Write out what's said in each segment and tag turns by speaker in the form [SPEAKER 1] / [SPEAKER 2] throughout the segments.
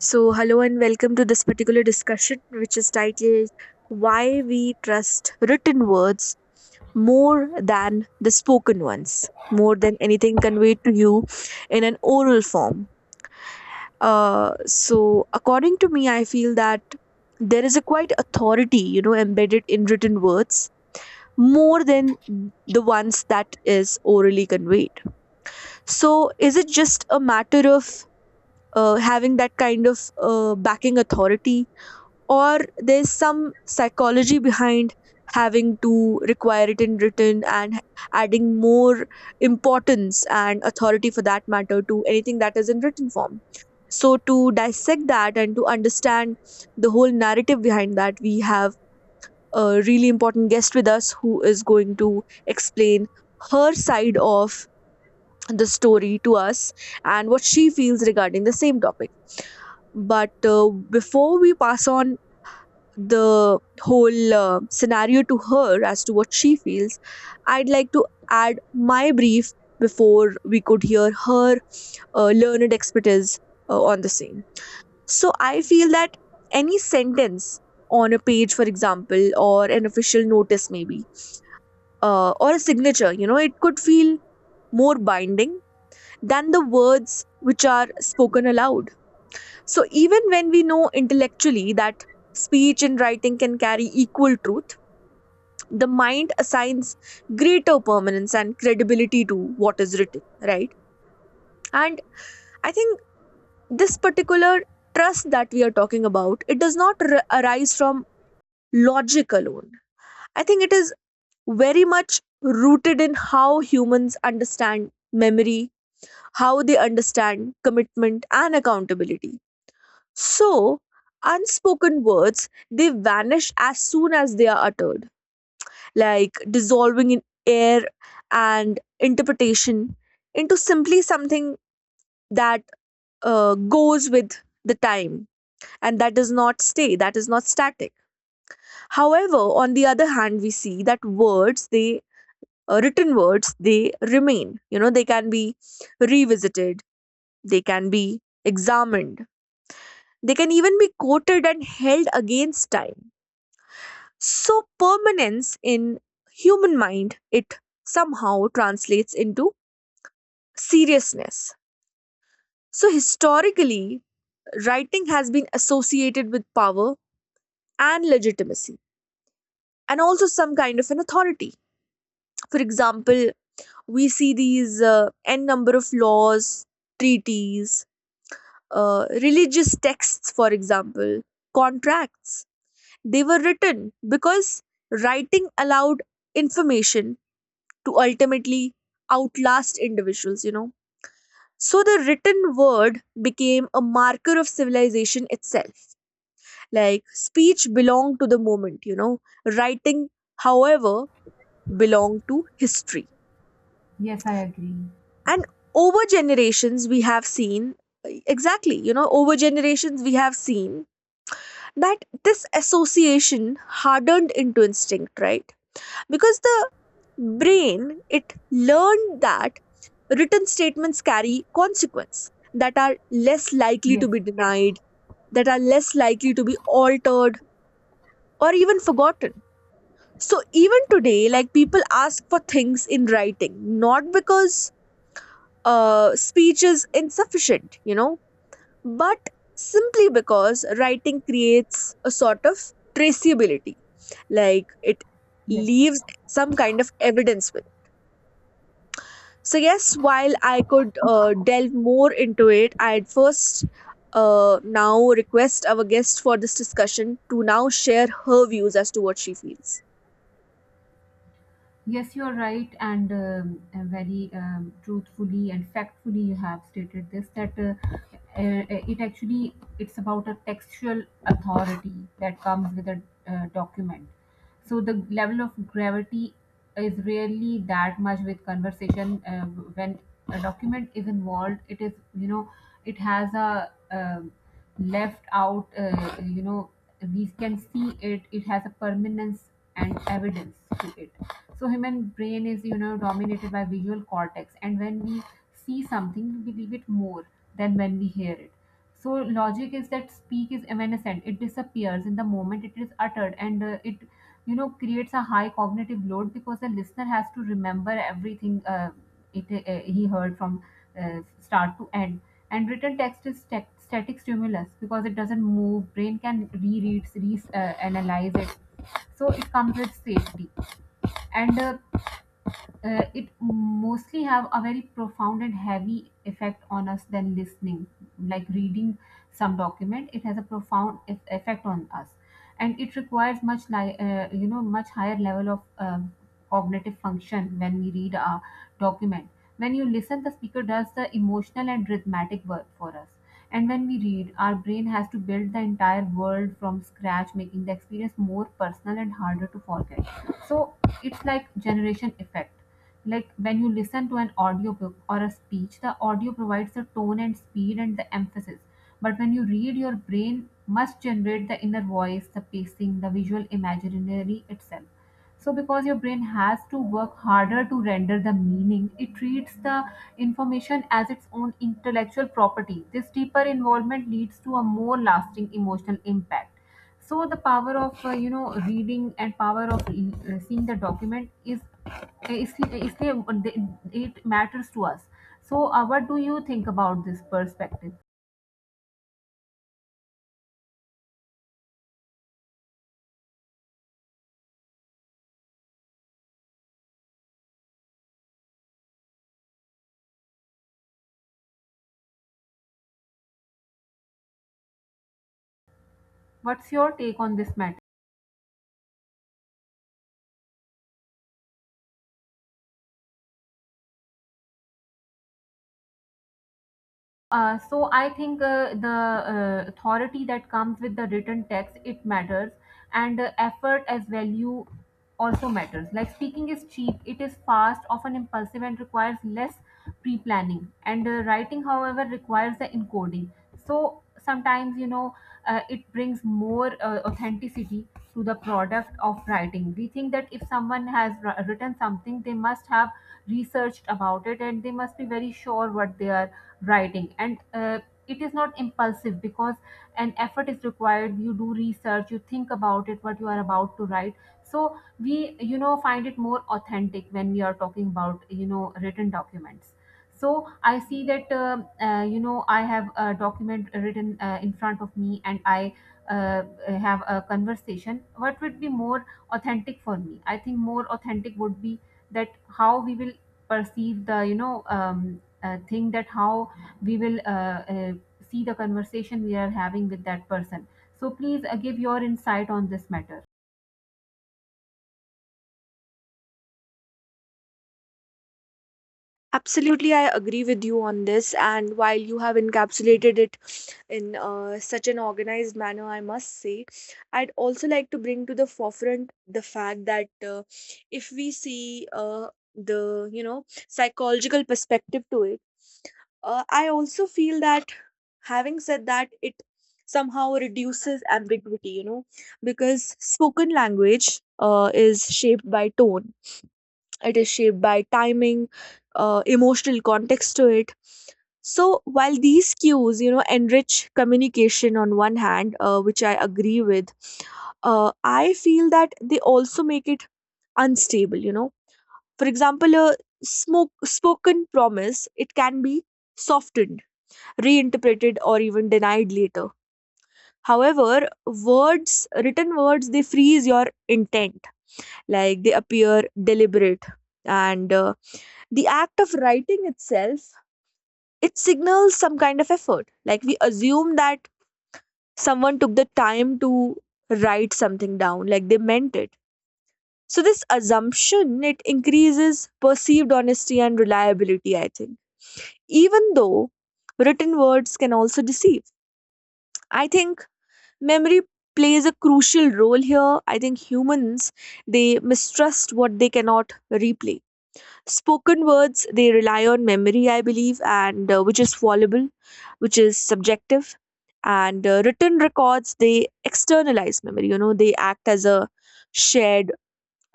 [SPEAKER 1] So, hello and welcome to this particular discussion, which is titled Why We Trust Written Words More Than the Spoken Ones, More Than Anything Conveyed to You in an Oral Form. According to me, I feel that there is a quite authority, you know, embedded in written words more than the ones that is orally conveyed. So, is it just a matter of having that kind of backing authority or there's some psychology behind having to require it in written and adding more importance and authority for that matter to anything that is in written form, so to dissect that and to understand the whole narrative behind that, we have a really important guest with us who is going to explain her side of the story to us and what she feels regarding the same topic. But before we pass on the whole scenario to her as to what she feels, I'd like to add my brief before we could hear her learned expertise on the same. So I feel that any sentence on a page, for example, or an official notice, maybe, or a signature, you know, it could feel more binding than the words which are spoken aloud. So even when we know intellectually that speech and writing can carry equal truth, the mind assigns greater permanence and credibility to what is written, right? And I think this particular trust that we are talking about, it does not arise from logic alone. I think it is very much rooted in how humans understand memory, how they understand commitment and accountability. So unspoken words, they vanish as soon as they are uttered, like dissolving in air and interpretation into simply something that goes with the time, and that does not stay, that is not static. However, on the other hand, we see that words they, written words, they remain, you know. They can be revisited, they can be examined, they can even be quoted and held against time. So permanence in human mind, it somehow translates into seriousness. So, historically, writing has been associated with power and legitimacy, and also some kind of an authority. For example, we see these n number of laws, treaties, religious texts, for example, contracts. They were written because writing allowed information to ultimately outlast individuals, you know. So the written word became a marker of civilization itself. Like speech belonged to the moment, you know. Writing, however, belonged to history.
[SPEAKER 2] Yes, I agree.
[SPEAKER 1] And over generations, we have seen, exactly, you know, over generations, we have seen that this association hardened into instinct, right? Because the brain, it learned that written statements carry consequence that are less likely to
[SPEAKER 2] Yes,
[SPEAKER 1] be denied, that are less likely to be altered or even forgotten. So even today, like people ask for things in writing, not because speech is insufficient, you know, but simply because writing creates a sort of traceability, like it
[SPEAKER 2] yes,
[SPEAKER 1] leaves some kind of evidence with. So yes, while I could delve more into it, I'd first, now request our guest for this discussion to now share her views as to what she feels.
[SPEAKER 2] yes, you're right, and very truthfully and factfully you have stated this that it's about a textual authority that comes with a document. So the level of gravity is really that much with conversation when a document is involved. It is, you know, it has a left out, you know, we can see it has a permanence and evidence to it. So human brain is, you know, dominated by visual cortex. And when we see something, we believe it more than when we hear it. So logic is that speak is evanescent. It disappears in the moment it is uttered and you know, creates a high cognitive load because the listener has to remember everything, it he heard from start to end, and written text is static stimulus because it doesn't move. Brain can reread, re analyze it, so it comes with safety. And It mostly have a very profound and heavy effect on us than listening, like reading some document. It has a profound effect on us, and it requires much you know, much higher level of cognitive function when we read a document. When you listen, the speaker does the emotional and rhythmatic work for us, and when we read, our brain has to build the entire world from scratch, making the experience more personal and harder to forget. So it's like generation effect. Like when you listen to an audiobook or a speech, the audio provides the tone and speed and the emphasis, but when you read, your brain must generate the inner voice, the pacing, the visual imaginary itself. So because your brain has to work harder to render the meaning, it treats the information as its own intellectual property. This deeper involvement leads to a more lasting emotional impact. So the power of, you know, reading and power of, seeing the document is, uh, it matters to us. So what do you think about this perspective? What's your take on this matter? So I think, the, authority that comes with the written text it matters, and effort as value also matters. Like speaking is cheap, it is fast, often impulsive, and requires less pre-planning. And writing, however, requires the encoding. So sometimes, you know, it brings more, authenticity to the product of writing. We think that if someone has written something, they must have researched about it and they must be very sure what they are writing, and it is not impulsive because an effort is required. You do research, you think about it, what you are about to write. So we, you know, find it more authentic when we are talking about, you know, written documents. So I see that, um, you know, I have a document written in front of me and I, uh, have a conversation. What would be more authentic for me? I think more authentic would be that how we will perceive the, you know, thing, that how we will, uh, see the conversation we are having with that person. So please, give your insight on this matter.
[SPEAKER 1] Absolutely, I agree with you on this, and while you have encapsulated it in such an organized manner, I must say. I'd also like to bring to the forefront the fact that, if we see the, you know, psychological perspective to it, I also feel that, having said that, it somehow reduces ambiguity, you know, because spoken language is shaped by tone, it is shaped by timing, emotional context to it. So while these cues, you know, enrich communication on one hand, which I agree with, I feel that they also make it unstable. You know, for example, a smoke spoken promise, it can be softened, reinterpreted, or even denied later. However, words, written words, they freeze your intent. Like they appear deliberate, and the act of writing itself, it signals some kind of effort. Like we assume that someone took the time to write something down, like they meant it. So this assumption, it increases perceived honesty and reliability, I think, even though written words can also deceive. I think memory plays a crucial role here. I think humans, they mistrust what they cannot replace. Spoken words, they rely on memory, I believe, and which is fallible, which is subjective. And written records, they externalize memory, you know. They act as a shared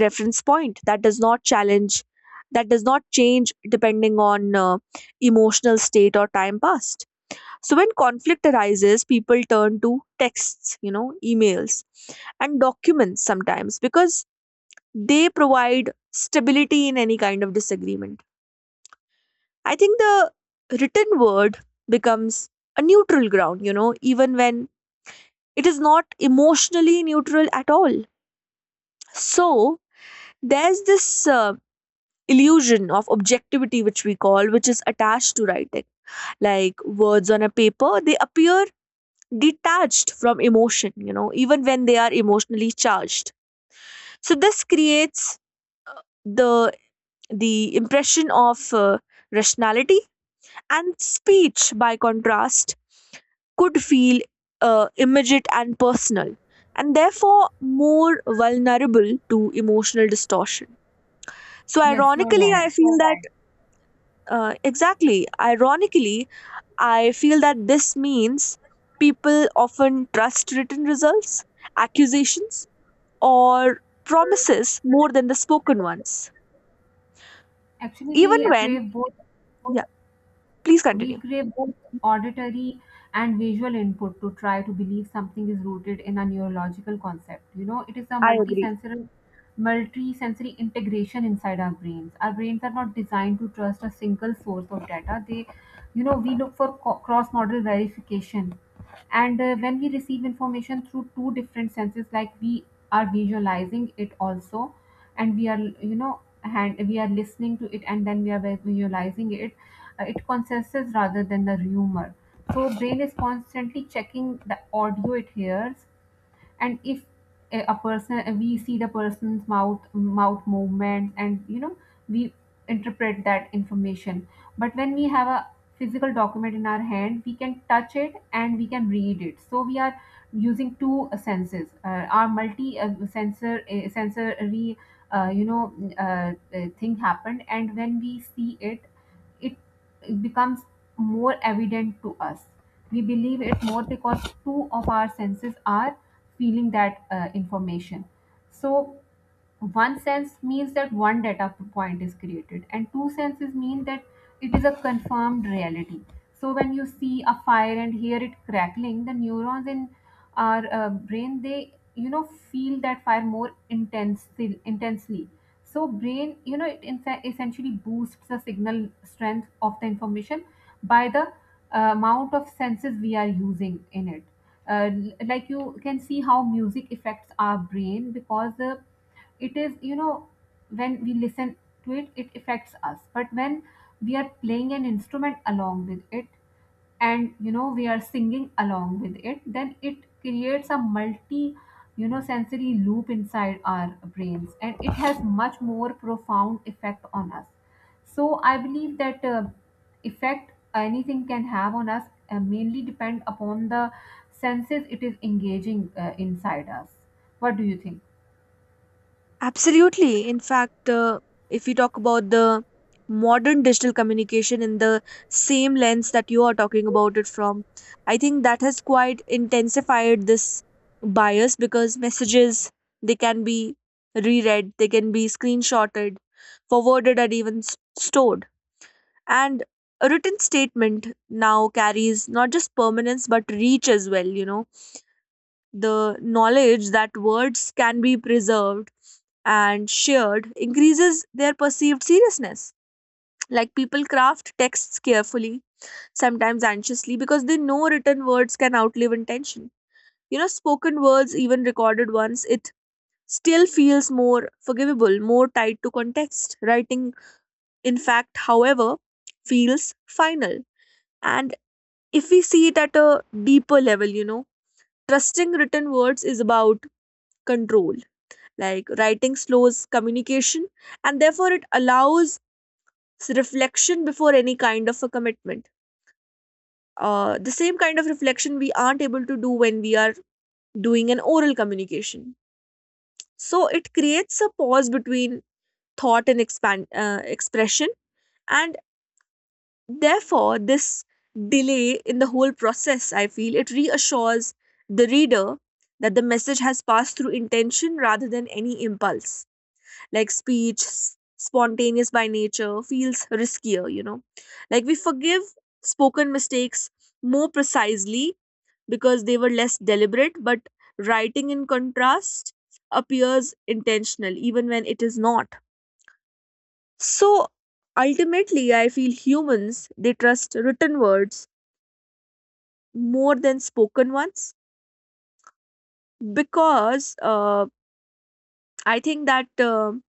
[SPEAKER 1] reference point that does not challenge, that does not change depending on emotional state or time past. So when conflict arises, people turn to texts, you know, emails and documents, sometimes because they provide stability in any kind of disagreement. I think the written word becomes a neutral ground, you know, even when it is not emotionally neutral at all. So there's this illusion of objectivity, which we call, which is attached to writing. Like words on a paper, they appear detached from emotion, you know, even when they are emotionally charged. So this creates the the impression of rationality. And speech, by contrast, could feel immediate and personal, and therefore more vulnerable to emotional distortion. So,
[SPEAKER 2] Yes, you're
[SPEAKER 1] ironically,
[SPEAKER 2] right.
[SPEAKER 1] I feel that, exactly, ironically, I feel that this means people often trust written results, accusations, or promises more than the spoken ones,
[SPEAKER 2] Actually,
[SPEAKER 1] even
[SPEAKER 2] we
[SPEAKER 1] when,
[SPEAKER 2] crave both.
[SPEAKER 1] yeah, please
[SPEAKER 2] We
[SPEAKER 1] continue.
[SPEAKER 2] crave both auditory and visual input to try to believe something is rooted in a neurological concept. You know, it is a
[SPEAKER 1] I agree.
[SPEAKER 2] multisensory multi-sensory integration inside our brains. Our brains are not designed to trust a single source of data. They, you know, we look for cross-model verification, and when we receive information through two different senses, like we are visualizing it also, and we are, you know, and we are listening to it and then we are visualizing it, it consensus rather than the rumor. So brain is constantly checking the audio it hears, and if a person, we see the person's mouth movements and, you know, we interpret that information. But when we have a physical document in our hand, we can touch it and we can read it, so we are using two, senses. Uh, our multi sensor sensory, thing happened, and when we see it, it, it becomes more evident to us. We believe it more because two of our senses are feeling that, information. So, one sense means that one data point is created, and two senses mean that it is a confirmed reality. So, when you see a fire and hear it crackling, the neurons in our, brain, they, you know, feel that fire more intensely. So brain, you know, it in fact essentially boosts the signal strength of the information by the, amount of senses we are using in it. Uh, like you can see how music affects our brain because, it is, you know, when we listen to it, it affects us. But when we are playing an instrument along with it, and, you know, we are singing along with it, then it creates a multi, you know, sensory loop inside our brains, and it has much more profound effect on us. So I believe that, effect anything can have on us, mainly depend upon the senses it is engaging, inside us. What do you think?
[SPEAKER 1] Absolutely. In fact, if we talk about the modern digital communication in the same lens that you are talking about it from, I think that has quite intensified this bias because messages, they can be reread, they can be screenshotted, forwarded, and even stored. And a written statement now carries not just permanence but reach as well, you know. The knowledge that words can be preserved and shared increases their perceived seriousness. Like people craft texts carefully, sometimes anxiously, because they know written words can outlive intention. You know, spoken words, even recorded ones, it still feels more forgivable, more tied to context. Writing, in fact, however, feels final. And if we see it at a deeper level, you know, trusting written words is about control. Like writing slows communication, and therefore it allows reflection before any kind of a commitment. The same kind of reflection we aren't able to do when we are doing an oral communication. So it creates a pause between thought and expand expression, and therefore this delay in the whole process, I feel it reassures the reader that the message has passed through intention rather than any impulse. Like speech, spontaneous by nature, feels riskier, you know. Like we forgive spoken mistakes more precisely because they were less deliberate, but writing, in contrast, appears intentional even when it is not. So ultimately, I feel humans, they trust written words more than spoken ones, because I think that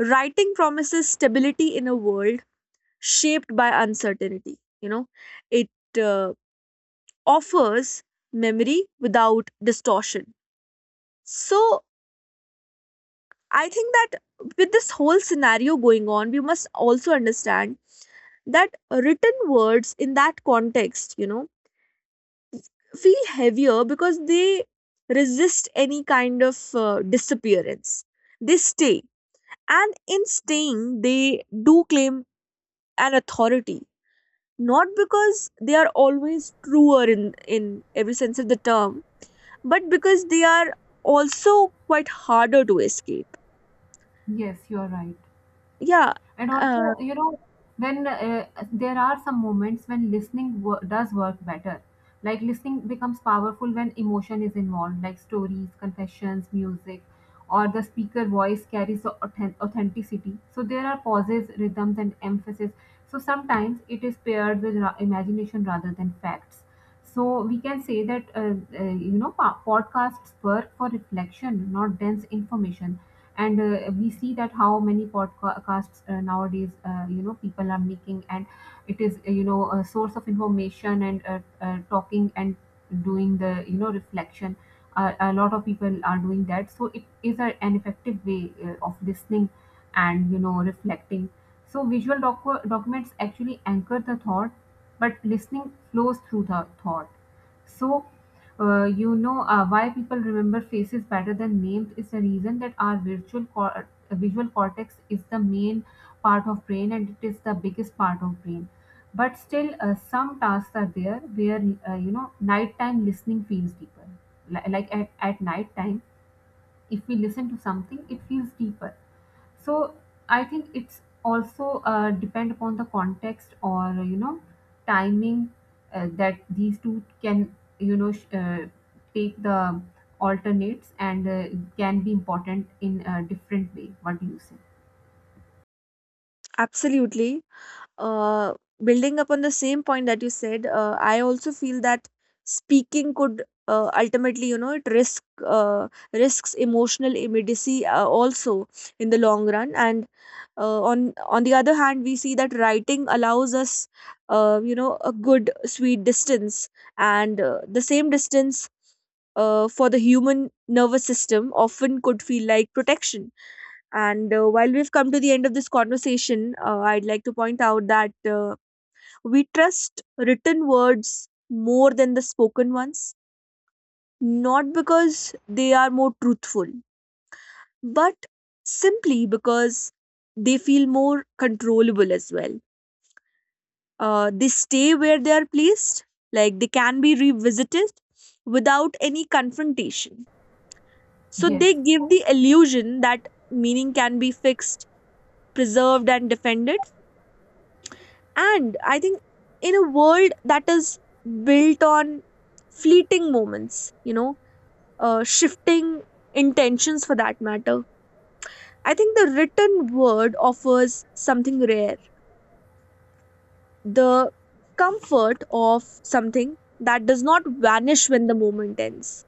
[SPEAKER 1] writing promises stability in a world shaped by uncertainty. You know, it uh, offers memory without distortion. So, I think that, with this whole scenario going on, we must also understand that written words in that context, you know, feel heavier because they resist any kind of disappearance. They stay, and in staying, they do claim an authority, not because they are always truer in every sense of the term, but because they are also quite harder to escape.
[SPEAKER 2] Yes, you are right.
[SPEAKER 1] Yeah.
[SPEAKER 2] And
[SPEAKER 1] uh,
[SPEAKER 2] also, you know, when there are some moments when listening does work better. Like listening becomes powerful when emotion is involved, like stories, confessions, music, or the speaker voice carries the authenticity. So there are pauses, rhythms, and emphasis, so sometimes it is paired with imagination rather than facts. So we can say that, you know, podcasts work for reflection, not dense information. And we see that how many podcasts nowadays, you know, people are making, and it is, you know, a source of information and, talking and doing the, you know, reflection. A lot of people are doing that, so it is an effective way, of listening and, you know, reflecting. So visual documents actually anchor the thought, but listening flows through the thought. So, you know, why people remember faces better than names is the reason that our visual cortex is the main part of brain, and it is the biggest part of brain. But still, some tasks are there where, you know, nighttime listening feels deeper. Like at night time, if we listen to something, it feels deeper. So I think it's also, depend upon the context or, you know, timing, that these two can, you know, take the alternates and, can be important in a different way. What do you say?
[SPEAKER 1] absolutely, uh, building upon the same point that you said, I also feel that speaking could ultimately, you know, it risks emotional immediacy also in the long run. And on on the other hand, we see that writing allows us you know, a good sweet distance, and the same distance for the human nervous system often could feel like protection. And while we've come to the end of this conversation, I'd like to point out that we trust written words more than the spoken ones, not because they are more truthful, but simply because they feel more controllable as well. They stay where they are placed, like they can be revisited without any confrontation. So
[SPEAKER 2] Yes.
[SPEAKER 1] they give the illusion that meaning can be fixed, preserved, and defended. And I think in a world that is built on fleeting moments, you know, shifting intentions for that matter, I think the written word offers something rare, the comfort of something that does not vanish when the moment ends.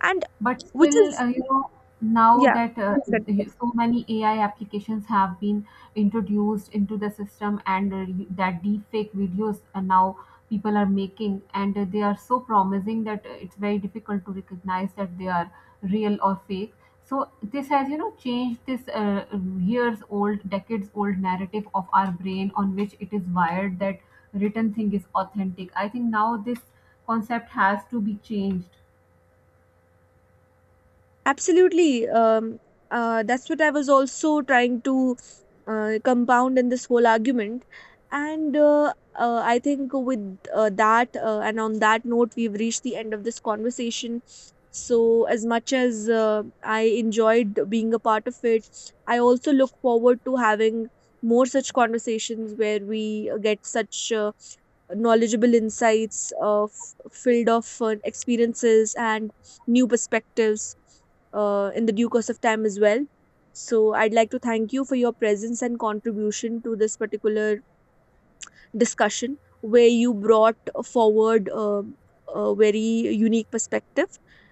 [SPEAKER 1] And
[SPEAKER 2] But
[SPEAKER 1] which
[SPEAKER 2] still,
[SPEAKER 1] is,
[SPEAKER 2] you know, now
[SPEAKER 1] yeah,
[SPEAKER 2] that
[SPEAKER 1] please continue.
[SPEAKER 2] so many AI applications have been introduced into the system, and that deepfake videos, now people are making, and they are so promising that, it's very difficult to recognize that they are real or fake. So this has, you know, changed this, years old, decades old narrative of our brain on which it is wired that written thing is authentic. I think now this concept has to be changed.
[SPEAKER 1] Absolutely. That's what I was also trying to compound in this whole argument. And I think with that, and on that note, we've reached the end of this conversation. So, as much as I enjoyed being a part of it, I also look forward to having more such conversations where we get such knowledgeable insights of filled of experiences and new perspectives in the due course of time as well. So, I'd like to thank you for your presence and contribution to this particular discussion, where you brought forward a very unique perspective.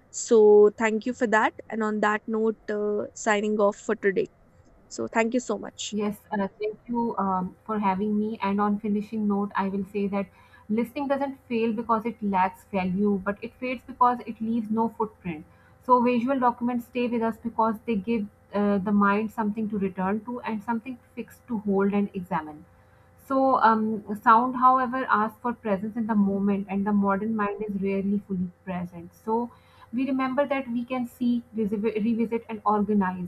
[SPEAKER 1] So, thank you for that. And on that note, signing off for today. So, thank you so much.
[SPEAKER 2] Yes, thank you, for having me. And on finishing note, I will say that listening doesn't fail because it lacks value, but it fades because it leaves no footprint. So visual documents stay with us because they give, the mind something to return to and something fixed to hold and examine. So, sound, however, asks for presence in the
[SPEAKER 1] 嗯。
[SPEAKER 2] moment, and the modern mind is rarely fully present. So, we remember that we can see, revisit, and organize.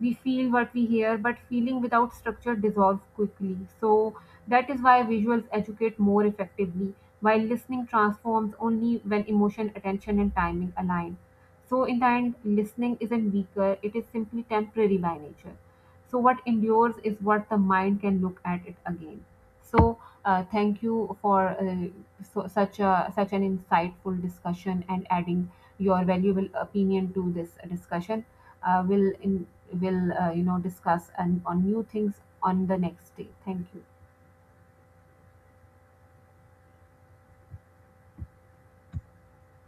[SPEAKER 2] We feel what we hear, but feeling without structure dissolves quickly. So, that is why visuals educate more effectively, while listening transforms only when emotion, attention, and timing align. So, in the end, listening isn't weaker, it is simply temporary by nature. So what endures is what the mind can look at it again. So thank you for, so, such an insightful discussion and adding your valuable opinion to this discussion. uh, we'll in, we'll, you know, discuss and on new things on the next day. Thank you.